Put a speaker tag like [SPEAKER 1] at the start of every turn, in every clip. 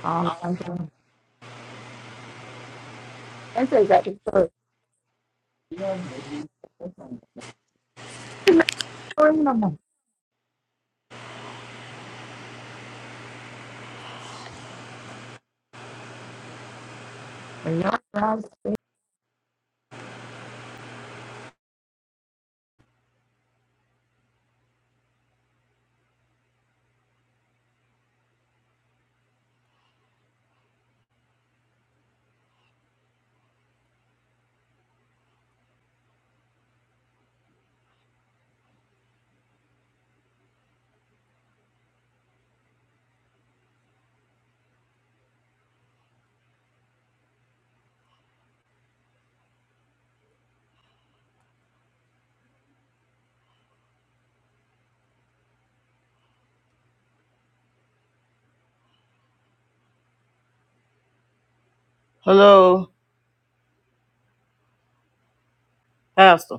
[SPEAKER 1] Ờ, làm sao? Em sẽ dạy từ. Mình nhớ ra.
[SPEAKER 2] Hello, Pastor.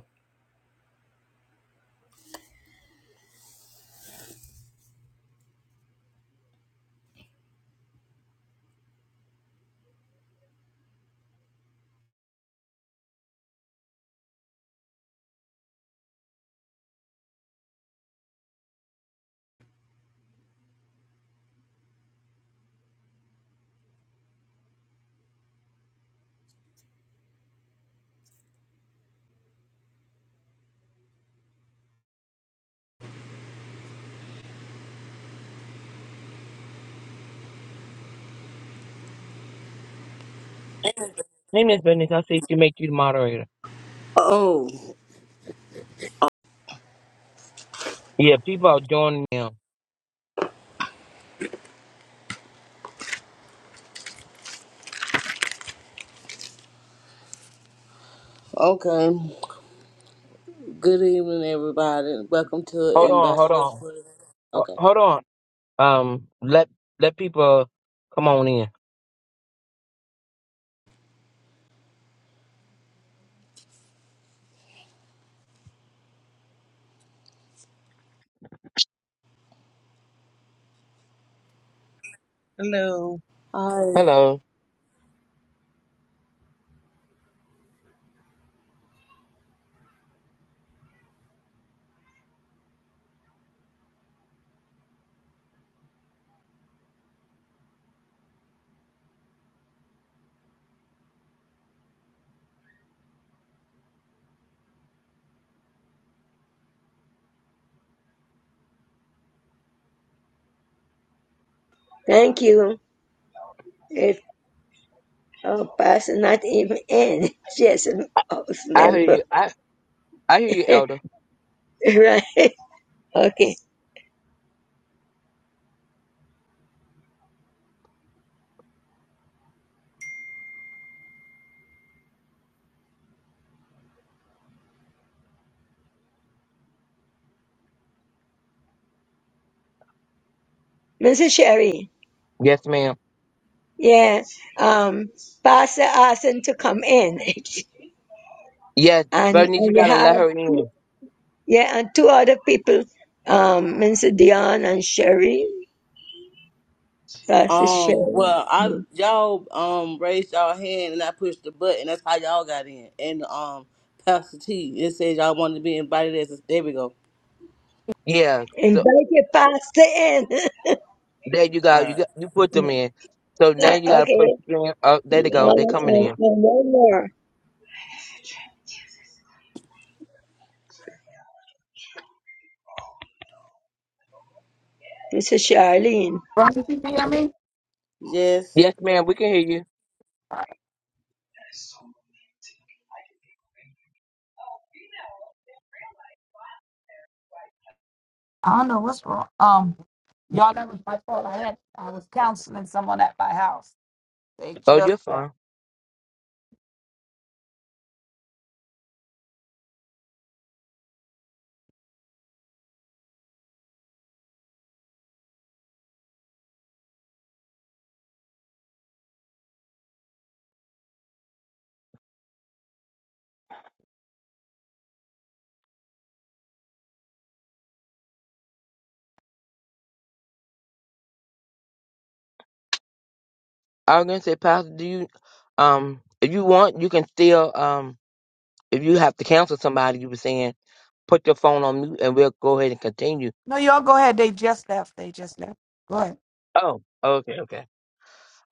[SPEAKER 3] Name this business. I'll see if you make you the moderator.
[SPEAKER 2] Oh,
[SPEAKER 3] Yeah, people are joining now.
[SPEAKER 2] okay. Good evening, everybody. Welcome to
[SPEAKER 3] Hold on, hold
[SPEAKER 2] Ambassadors.
[SPEAKER 3] on.
[SPEAKER 2] for
[SPEAKER 3] Ho-
[SPEAKER 2] Okay.
[SPEAKER 3] Hold on. Um let let people come on in.
[SPEAKER 4] Hello.
[SPEAKER 2] Hi.
[SPEAKER 3] Hello.
[SPEAKER 5] Thank you. If our pastor not even in, just a house
[SPEAKER 3] I hear
[SPEAKER 5] member,
[SPEAKER 3] you. I I hear you, Elder.
[SPEAKER 5] right? Okay, Mrs. Sherry.
[SPEAKER 3] Yes, ma'am.
[SPEAKER 5] Yeah, um, pastor asked him to come in,
[SPEAKER 3] Yes,
[SPEAKER 5] and,
[SPEAKER 3] Bernice,
[SPEAKER 5] and
[SPEAKER 3] you
[SPEAKER 5] you
[SPEAKER 3] gotta
[SPEAKER 5] have
[SPEAKER 3] let her in.
[SPEAKER 5] yeah, and two other people, um, Mr. Dion and Sherry, Pastor
[SPEAKER 2] Um.
[SPEAKER 5] Sherry.
[SPEAKER 2] Well, I y'all um raised y'all hand and I pushed the button. That's how y'all got in. And um, Pastor T, it says y'all wanted to be invited as. A, there we go.
[SPEAKER 3] Yeah. So
[SPEAKER 5] Invite your pastor in.
[SPEAKER 3] there you
[SPEAKER 2] All
[SPEAKER 3] go. You
[SPEAKER 2] right.
[SPEAKER 3] got you put them in. So
[SPEAKER 5] okay,
[SPEAKER 3] now you gotta push them. Oh,
[SPEAKER 5] and,
[SPEAKER 3] there they go. They coming
[SPEAKER 5] and, and
[SPEAKER 3] in.
[SPEAKER 5] one more, Mrs. Charlene.
[SPEAKER 1] Ron, did you hear me?
[SPEAKER 2] Yes.
[SPEAKER 3] Yes, ma'am, we can hear you.
[SPEAKER 1] I I don't know what's wrong. Um, y'all, that was my fault. I had I was counseling someone at my house. They
[SPEAKER 3] Oh,
[SPEAKER 1] just
[SPEAKER 3] you're
[SPEAKER 1] left.
[SPEAKER 3] fine. I was gonna say, Pastor, do you um if you want you can still um if you have to cancel somebody you were saying put your phone on mute and we'll go ahead and continue.
[SPEAKER 1] No, y'all go ahead. They just left. They just left. Go ahead.
[SPEAKER 3] Oh, okay, okay.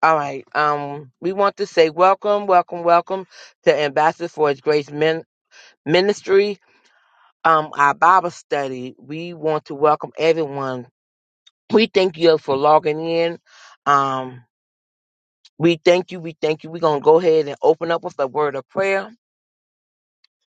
[SPEAKER 3] All right. Um, we want to say welcome, welcome, welcome to Ambassador for His Grace Min- Ministry. Um, our Bible study. We want to welcome everyone. We thank you for logging in. Um, we thank you. We thank you. We're gonna go ahead and open up with a word of prayer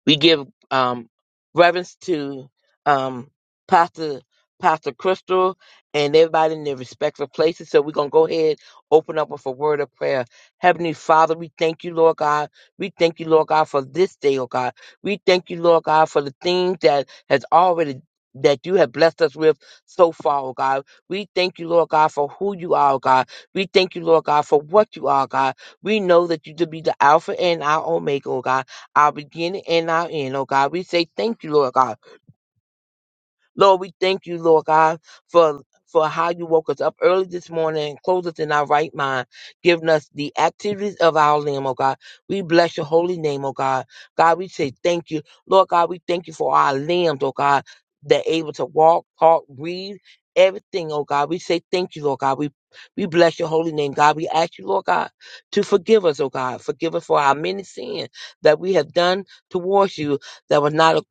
[SPEAKER 3] We give um, reverence to um, Pastor Pastor Crystal and everybody in their respective places. So we're gonna go ahead, open up with a word of prayer. Heavenly Father, we thank you, Lord God. We thank you, Lord God, for this day, oh God. We thank you, Lord God, for the things that has already that you have blessed us with so far, oh God. We thank you, Lord God, for who you are, oh God. We thank you, Lord God, for what you are, God. We know that you to be the Alpha and our Omega, oh God our beginning and our end, oh God. We say thank you, Lord God. Lord, we thank you, Lord God, for for how you woke us up early this morning and clothed us in our right mind, giving us the activities of our limb, oh God. We bless your holy name, oh God. God, we say thank you. Lord God, we thank you for our limbs, oh God, that able to walk, talk, breathe, everything, oh God. We say thank you, Lord God. We we bless your holy name, God. We ask you, Lord God, to forgive us, oh God. Forgive us for our many sins that we have done towards you that was not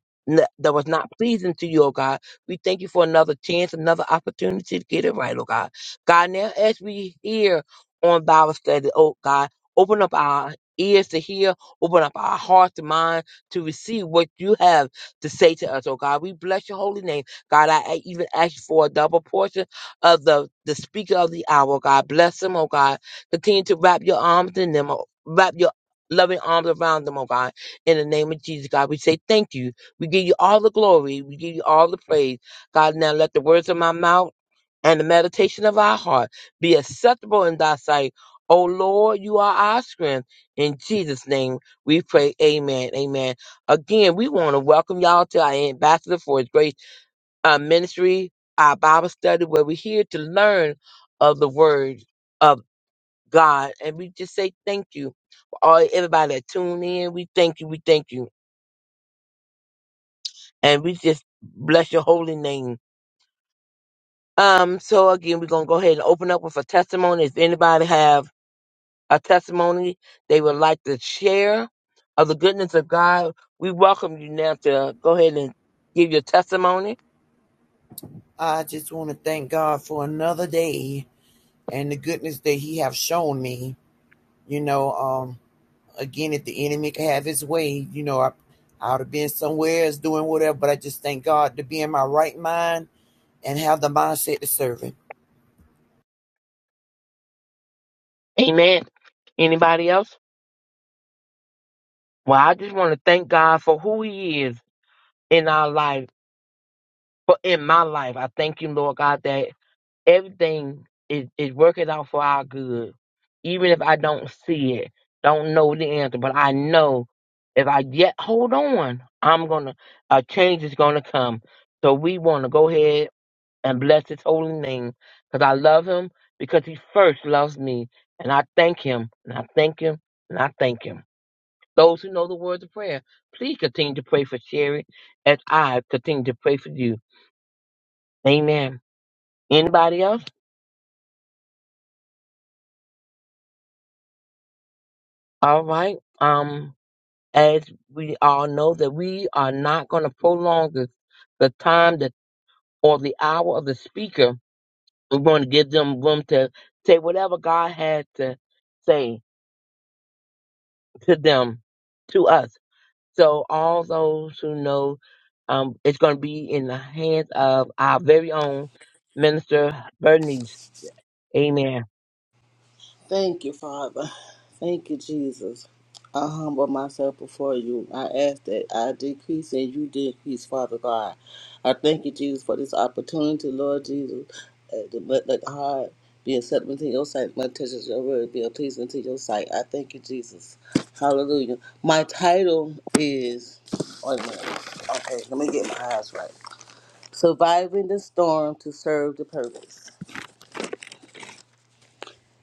[SPEAKER 3] that was not pleasing to you, oh God. We thank you for another chance, another opportunity to get it right, oh God. God, now as we hear on Bible study, oh God, open up our ears to hear, open up our hearts and mind to receive what you have to say to us, oh God. We bless your holy name. God, I I even ask you for a double portion of the, the speaker of the hour, oh God. Bless them, oh God. Continue to wrap your arms in them, oh, wrap your loving arms around them, oh God. In the name of Jesus, God, we say thank you. We give you all the glory. We give you all the praise. God, now let the words of my mouth and the meditation of our heart be acceptable in thy sight. O Lord, you are our strength. In Jesus' name we pray. Amen. Amen. Again, we want to welcome y'all to our Ambassador for His Grace uh, Ministry, our Bible study, where we're here to learn of the Word of God. And we just say thank you for all everybody that tuned in. We thank you. We thank you. And we just bless your holy name. Um, so again, we're gonna go ahead and open up with a testimony. If anybody have a testimony they would like to share of the goodness of God, we welcome you now to go ahead and give your testimony.
[SPEAKER 4] I just want to thank God for another day and the goodness that He have shown me. You know, um, again, if the enemy could have his way, you know, I, I would have been somewhere else doing whatever. But I just thank God to be in my right mind and have the mindset to serve Him.
[SPEAKER 3] Amen. Anybody else? Well, I just want to thank God for who He is. in our life, but in my life, I thank you, Lord God, that everything is, is working out for our good. Even if I don't see it, don't know the answer, but I know if I yet hold on, I'm gonna a change is gonna come. So we wanna go ahead and bless his holy name because I love him because he first loves me. And I thank him and I thank him and I thank him. Those who know the words of prayer, please continue to pray for Sherry as I continue to pray for you. Amen. Anybody else? All right. Um, as we all know that we are not going to prolong the, the time that or the hour of the speaker. We're going to give them room to say whatever God had to say to them, to us. So all those who know, um, it's going to be in the hands of our very own minister Bernice. Amen.
[SPEAKER 2] Thank you, Father. Thank you, Jesus. I humble myself before you. I ask that I decrease and you decrease, Father God. I thank you, Jesus, for this opportunity, Lord Jesus. Uh, to let let heart be acceptable to your sight. My touches your word be a pleasing to your sight. I thank you, Jesus. Hallelujah. My title is. oh, Wait a minute. Okay, let me get my eyes right. Surviving the storm to serve the purpose.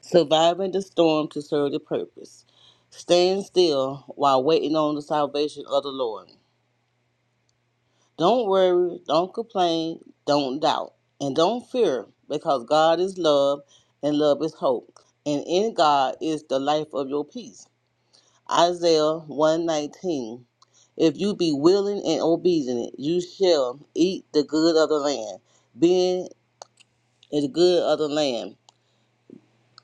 [SPEAKER 2] surviving the storm to serve the purpose, staying still while waiting on the salvation of the Lord. Don't worry, don't complain, don't doubt, and don't fear, because God is love, and love is hope, and in God is the life of your peace. Isaiah 119. If you be willing and obedient, you shall eat the good of the land, being the good of the land.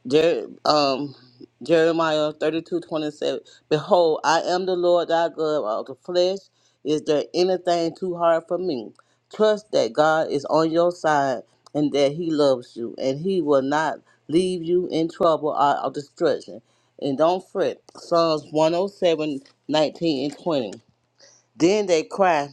[SPEAKER 2] Jer- um, Jeremiah thirty-two twenty-seven. Behold, I am the Lord thy God of the flesh. Is there anything too hard for me? Trust that God is on your side and that he loves you and he will not leave you in trouble or, or destruction. And don't fret. Psalms one oh seven nineteen and 20. Then they cried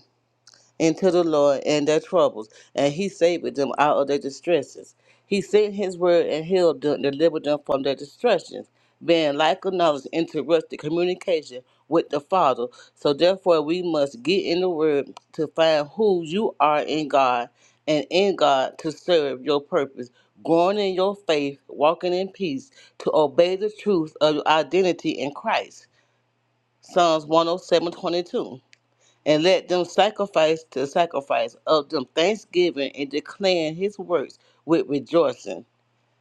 [SPEAKER 2] into the Lord and their troubles, and he saved them out of their distresses. He sent his word and healed them, delivered them from their distresses, being like of knowledge interrupted communication with the Father. So therefore we must get in the word to find who you are in God and in God to serve your purpose. Growing in your faith, walking in peace, to obey the truth of your identity in Christ. Psalms 107:22 and let them sacrifice the sacrifice of them thanksgiving and declaring his works with rejoicing.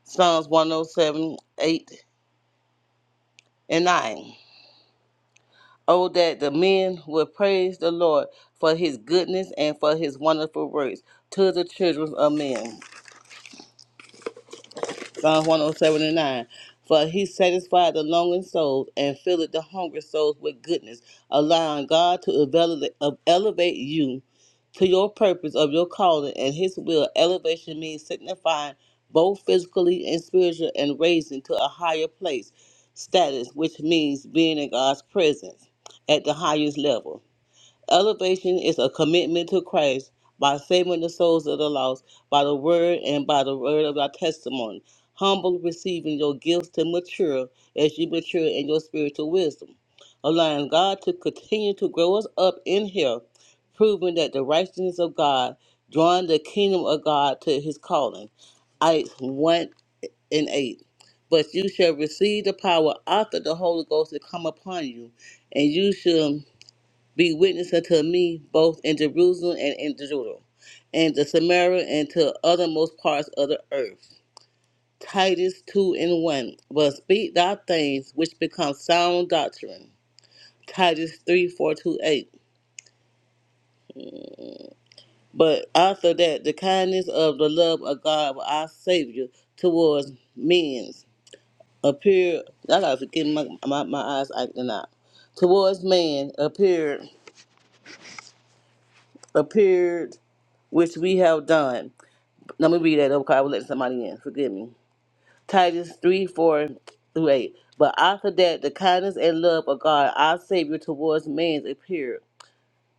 [SPEAKER 2] Psalms one o seven, eight, and 9. Oh, that the men would praise the Lord for his goodness and for his wonderful works to the children of men. Psalms 107 and 9. For he satisfied the longing souls and filleth the hungry souls with goodness, allowing God to elevate elevate you to your purpose of your calling and his will. Elevation means signifying both physically and spiritual and raising to a higher place, status, which means being in God's presence at the highest level. Elevation is a commitment to Christ by saving the souls of the lost by the word and by the word of our testimony. Humble receiving your gifts to mature as you mature in your spiritual wisdom. Allowing God to continue to grow us up in Him, proving that the righteousness of God, drawing the kingdom of God to His calling. Acts 1 and 8. But you shall receive the power after the Holy Ghost has come upon you, and you shall be witness unto me both in Jerusalem and in Judah, and to Samaria and to othermost parts of the earth. Titus 2 and 1. But speak thy things which become sound doctrine. Titus 3 4 to 8. But after that, the kindness of the love of God, our Savior, towards men appeared. I gotta get my, my, my eyes acting out. Towards man appeared, appeared, which we have done Let me read that over 'cause I was letting somebody in. Forgive me. Titus 3 4 through 8. But after that, the kindness and love of God, our Savior, towards man appeared.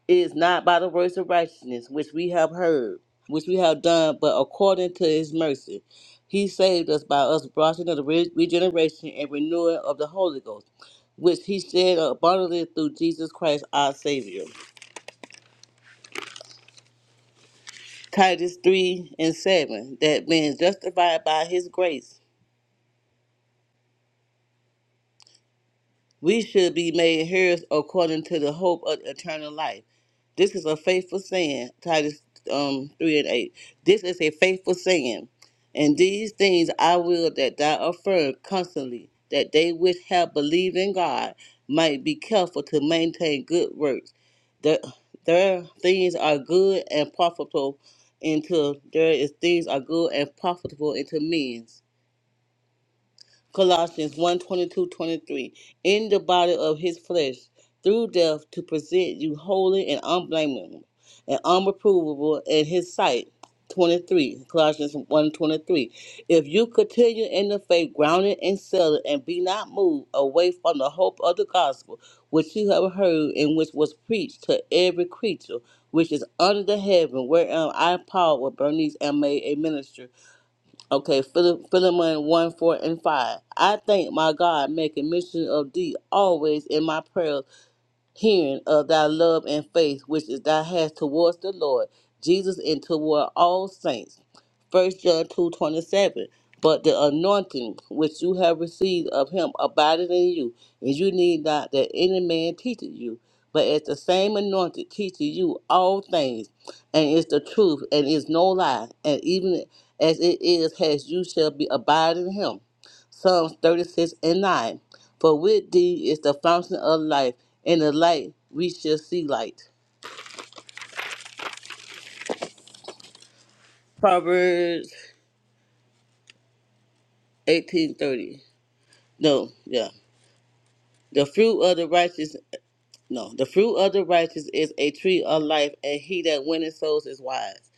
[SPEAKER 2] It is not by the works of righteousness which we have heard, which we have done, but according to his mercy. He saved us by us washing of the re- regeneration and renewing of the Holy Ghost, which he shed abundantly through Jesus Christ our Savior. Titus 3 and 7, that being justified by his grace we should be made heirs according to the hope of eternal life. This is a faithful saying, Titus um, 3 and 8. This is a faithful saying. And these things I will that thou affirm constantly, that they which have believed in God might be careful to maintain good works. The, their things are good and profitable until there is things are good and profitable unto men. Colossians one twenty two twenty three In the body of his flesh, through death, to present you holy and unblameable and unreprovable in his sight. 23. Colossians one 23 If you continue in the faith, grounded and settled, and be not moved away from the hope of the gospel, which you have heard and which was preached to every creature which is under the heaven, wherein I, Paul, with Bernice, am made a minister Okay, Philip, Philemon 1, 4, and 5. I thank my God, making mention of thee always in my prayers hearing of thy love and faith which is thou hast towards the Lord Jesus and toward all saints. First John two twenty seven. But the anointing which you have received of him abideth in you, and you need not that any man teacheth you. But as the same anointed teacheth you all things, and is the truth, and is no lie, and even as it is has you shall be abide in him. Psalms 36 and 9. For with thee is the fountain of life, and the light we shall see light. Proverbs eighteen thirty. No, yeah. The fruit of the righteous no, the fruit of the righteous is a tree of life, and he that winneth souls is wise.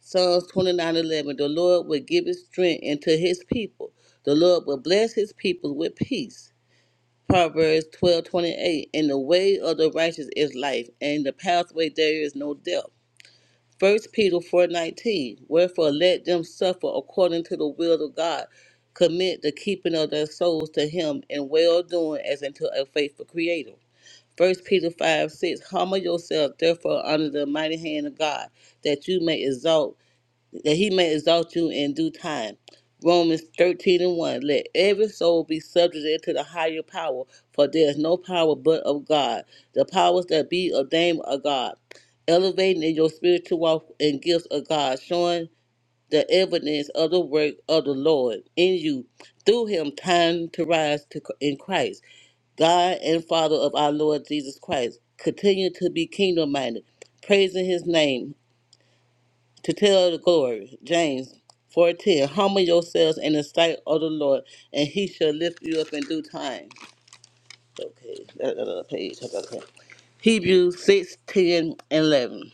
[SPEAKER 2] Psalms twenty nine eleven. The Lord will give his strength unto his people. The Lord will bless his people with peace. Proverbs twelve twenty eight. In the way of the righteous is life, and the pathway there is no death. First Peter four nineteen. Wherefore let them suffer according to the will of God, commit the keeping of their souls to Him in well doing as unto a faithful Creator. First Peter five six. Humble yourself therefore under the mighty hand of God, that you may exalt that he may exalt you in due time. Romans 13 and 1. Let every soul be subject to the higher power, for there is no power but of God. The powers that be ordained of God. Elevating in your spiritual walk and gifts of God, showing the evidence of the work of the Lord in you. Through him, time to rise to, in Christ. God and Father of our Lord Jesus Christ. Continue to be kingdom minded, praising his name to tell the glory. James 4:10. Humble yourselves in the sight of the Lord, and he shall lift you up in due time. Okay, that- that other page. that other page. Hebrews 6, ten and 11.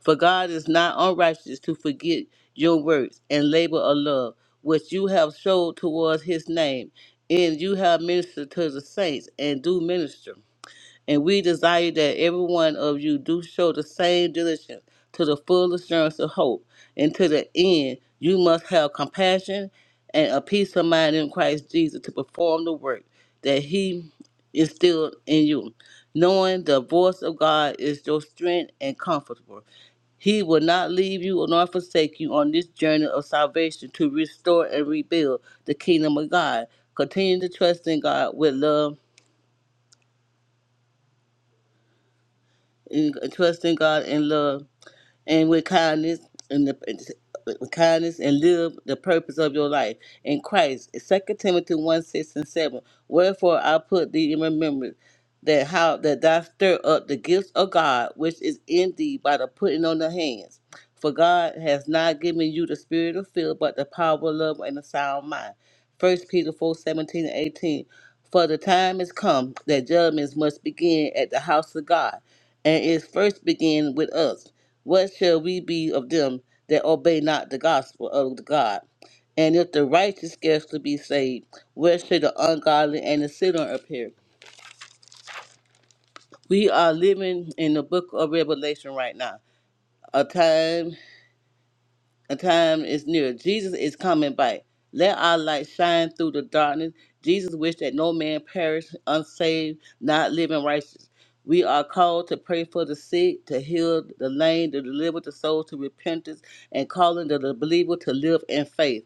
[SPEAKER 2] For God is not unrighteous to forget your works and labor of love, which you have showed towards his name, and you have ministered to the saints and do minister. And we desire that every one of you do show the same diligence to the full assurance of hope. And to the end, you must have compassion and a peace of mind in Christ Jesus to perform the work that He instilled in you. Knowing the voice of God is your strength and comforter. He will not leave you nor forsake you on this journey of salvation to restore and rebuild the kingdom of God. Continue to trust in God with love and trusting God in love and with kindness and the and with kindness and live the purpose of your life in Christ. Second Timothy one six and seven. Wherefore I put thee in remembrance that how that thou stir up the gifts of God which is in thee by the putting on the hands. For God has not given you the spirit of fear, but the power of love and a sound mind. First Peter four seventeen and eighteen. For the time is come that judgments must begin at the house of God, and it first begin with us. What shall we be of them that obey not the gospel of the God? And if the righteous scarcely be saved, where should the ungodly and the sinner appear? We are living in the book of Revelation right now, a time A time is near. Jesus is coming by. Let our light shine through the darkness. Jesus wished that no man perish unsaved, not living righteous. We are called to pray for the sick, to heal the lame, to deliver the soul to repentance, and calling the believer to live in faith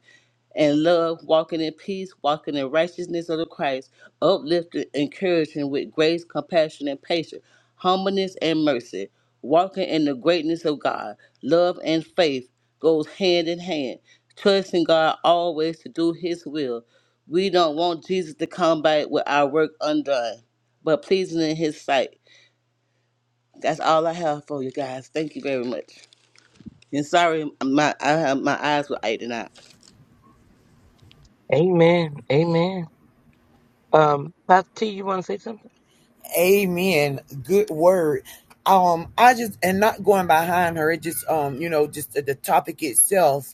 [SPEAKER 2] and love, walking in peace, walking in righteousness of the Christ, uplifting, encouraging with grace, compassion, and patience, humbleness and mercy, walking in the greatness of God. Love and faith goes hand in hand, trusting God always to do His will. We don't want Jesus to come back with our work undone, but pleasing in His sight. That's all I have for you guys. Thank you very much. And sorry, my I, have- my eyes were aching out.
[SPEAKER 3] Amen. Amen. Um, Pastor T, you want to say something?
[SPEAKER 4] Amen. Good word. Um, I just and not going behind her. It just um, you know, just the, the topic itself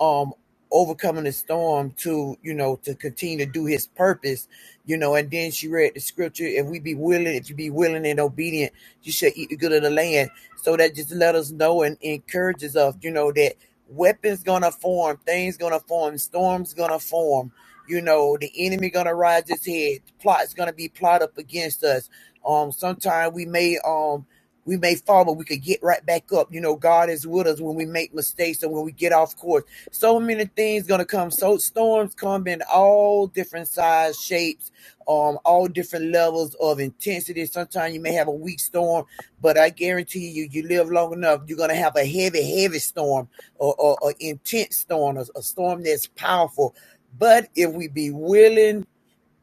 [SPEAKER 4] um overcoming the storm to you know to continue to do his purpose you know and then she read the scripture if we be willing if you be willing and obedient you shall eat the good of the land so that just let us know and encourages us you know that weapons gonna form things gonna form storms gonna form you know the enemy gonna rise his head plots gonna be plot up against us um sometimes we may um we may fall, but we could get right back up. You know, God is with us when we make mistakes and when we get off course so many things gonna come so storms come in all different size shapes um all different levels of intensity sometimes you may have a weak storm but i guarantee you you live long enough you're gonna have a heavy heavy storm or, or, or intense storm a, a storm that's powerful but if we be willing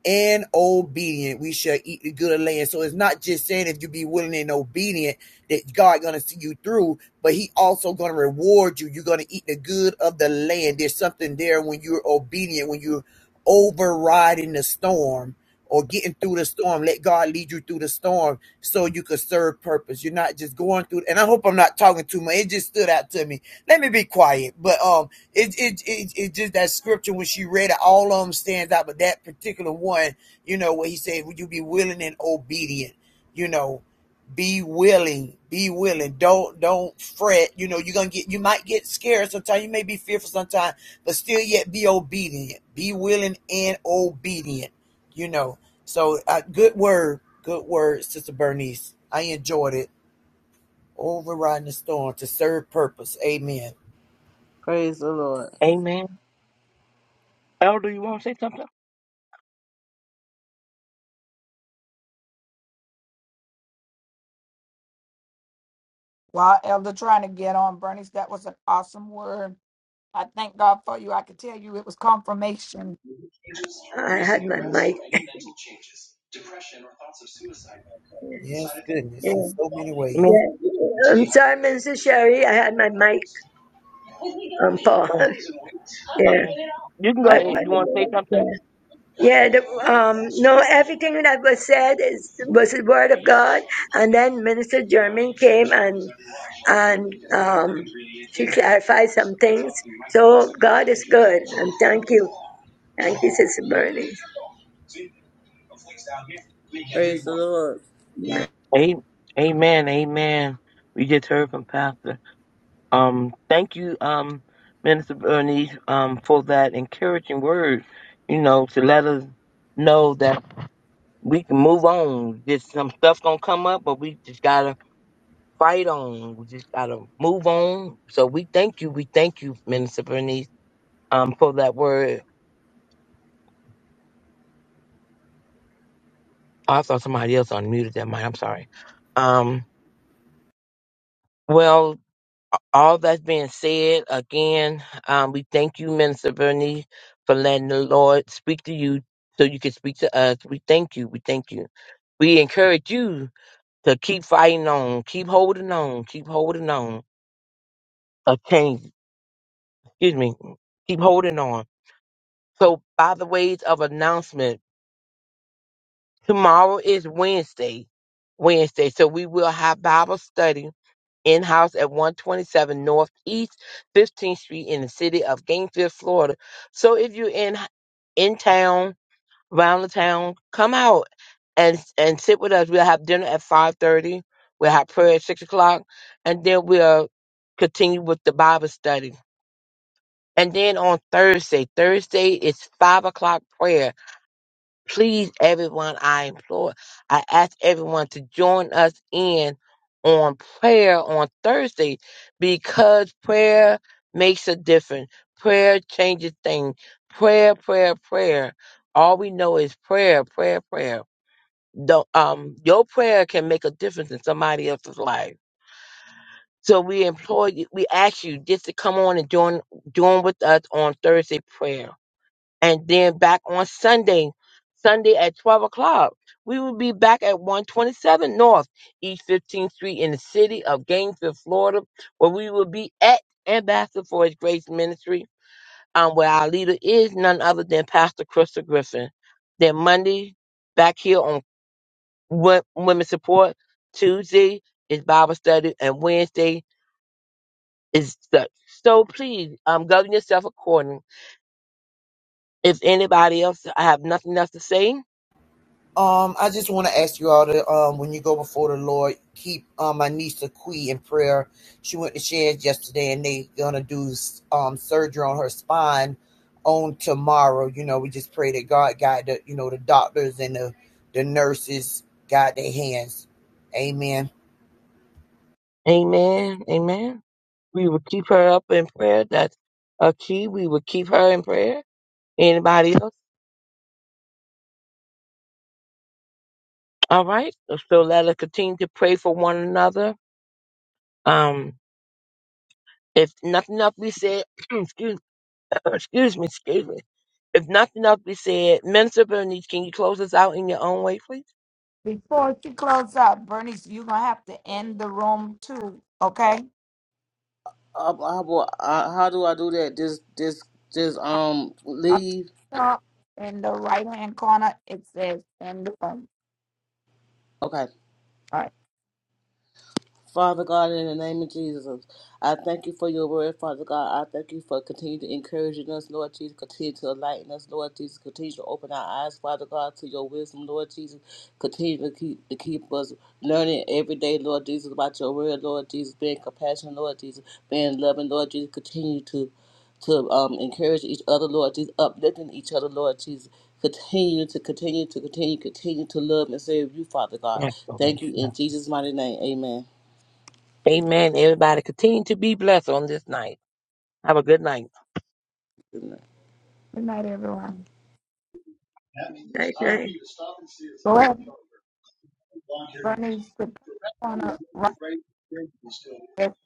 [SPEAKER 4] and obedient we shall eat the good land so it's not just saying if you be willing and obedient that god gonna see you through but he also going to reward you. You're going to eat the good of the land. There's something there when you're obedient, when you're overriding the storm or getting through the storm. Let God lead you through the storm so you could serve purpose. You're not just going through. And I hope I'm not talking too much. It just stood out to me. Let me be quiet. But um, it it it, it just that scripture when she read it, all of them stands out. But that particular one, you know, where he said, "Would you be willing and obedient?" You know be willing be willing don't don't fret you know you're gonna get you might get scared sometimes you may be fearful sometimes but still yet be obedient be willing and obedient you know so uh, good word good word sister bernice i enjoyed it overriding the storm to serve purpose amen
[SPEAKER 2] Praise the Lord.
[SPEAKER 3] Amen. Elder, you want to say something?
[SPEAKER 1] While Elder trying to get on, Bernice, that was an awesome word. I thank God for you. I could tell you it was confirmation
[SPEAKER 5] I had my mic.
[SPEAKER 4] yes
[SPEAKER 5] Yeah,
[SPEAKER 4] goodness in so many ways
[SPEAKER 3] Amen.
[SPEAKER 5] yeah. I'm sorry, Minister Sherry. I had my mic on pause.
[SPEAKER 3] Oh,
[SPEAKER 5] Yeah,
[SPEAKER 3] okay. You can go
[SPEAKER 5] but,
[SPEAKER 3] ahead.
[SPEAKER 5] but
[SPEAKER 3] You want to say something?
[SPEAKER 5] yeah, yeah. The, um, no, everything that was said is was the word of God. And then Minister German came and and um, she clarified some things. So God is good, and thank you, thank you, Sister Bernie.
[SPEAKER 2] Praise the Lord.
[SPEAKER 3] A- Amen. Amen. We just heard from Pastor. Um, thank you, um, Minister Bernice, um, for that encouraging word. You know, to let us know that. we can move on. Just some stuff gonna come up, but we just gotta fight on. We just gotta move on. So we thank you. We thank you, Minister Bernice, um, for that word. Oh, I saw somebody else unmuted that mic. I'm sorry. Um, well, all that's being said, again, um, we thank you, Minister Bernice, for letting the Lord speak to you so you can speak to us. We thank you. We thank you. We encourage you to keep fighting on, keep holding on, keep holding on. A change. excuse me, keep holding on. So by the ways of announcement, tomorrow is Wednesday. Wednesday. So we will have Bible study in house at 127 Northeast 15th Street in the city of Gainesville, Florida. So if you're in in town, around the town, come out and and sit with us. We'll have dinner at five thirty. We'll have prayer at six o'clock, and then we'll continue with the Bible study. And then on Thursday, Thursday is five o'clock prayer. Please, everyone, I implore, I ask everyone to join us in on prayer on Thursday because prayer makes a difference. Prayer changes things. Prayer, prayer, prayer. All we know is prayer, prayer, prayer. The, um, your prayer can make a difference in somebody else's life. So we implore you, we ask you just to come on and join, join with us on Thursday prayer and then back on Sunday, Sunday at 12 o'clock. We will be back at 127 North East 15th Street in the city of Gainesville, Florida, where we will be at Ambassador for His Grace Ministry, um, where our leader is none other than Pastor Crystal Griffin. Then Monday, back here on Wo- Women Support. Tuesday is Bible study, and Wednesday is study. So please, um, govern yourself accordingly. If anybody else, I have nothing else to say
[SPEAKER 4] Um, I just want to ask you all to um, when you go before the Lord, keep um, my niece Aqui in prayer. She went to Sharon's yesterday, and they gonna do um surgery on her spine on tomorrow. You know, we just pray that God guide the you know the doctors and the the nurses guide their hands. Amen.
[SPEAKER 3] Amen. Amen. We will keep her up in prayer. That's a key. We will keep her in prayer. Anybody else? All right. So let us continue to pray for one another. Um, if nothing else we said, excuse, excuse me, excuse me. If nothing else we said, Minister Bernice, can you close us out in your own way, please?
[SPEAKER 1] Before she close out, Bernice, you're gonna have to end the room too, okay?
[SPEAKER 2] Uh, how, uh, how do I do that? Just, just, just um
[SPEAKER 1] Up
[SPEAKER 2] leave.
[SPEAKER 1] top in the right hand corner, it says end the room.
[SPEAKER 2] Okay.
[SPEAKER 1] All right.
[SPEAKER 2] Father God, in the name of Jesus, I thank you for your word, Father God. I thank you for continuing to encourage us, Lord Jesus. Continue to enlighten us, Lord Jesus. Continue to open our eyes, Father God, to your wisdom, Lord Jesus. Continue to keep to keep us learning every day, Lord Jesus, about your word, Lord Jesus. Being compassionate, Lord Jesus. Being loving, Lord Jesus. Continue to to um, encourage each other, Lord Jesus, uplifting each other, Lord Jesus. Continue to continue to continue, continue to love and serve you, Father God.
[SPEAKER 3] Yes. Lord.
[SPEAKER 2] Thank you
[SPEAKER 3] Yes.
[SPEAKER 2] in Jesus' mighty name. Amen.
[SPEAKER 3] Amen. Everybody continue to be blessed on this night. Have a good night.
[SPEAKER 2] Goodness.
[SPEAKER 1] Good night, everyone.
[SPEAKER 5] Night, night.
[SPEAKER 1] Go ahead, Bernice. The corner, right. there.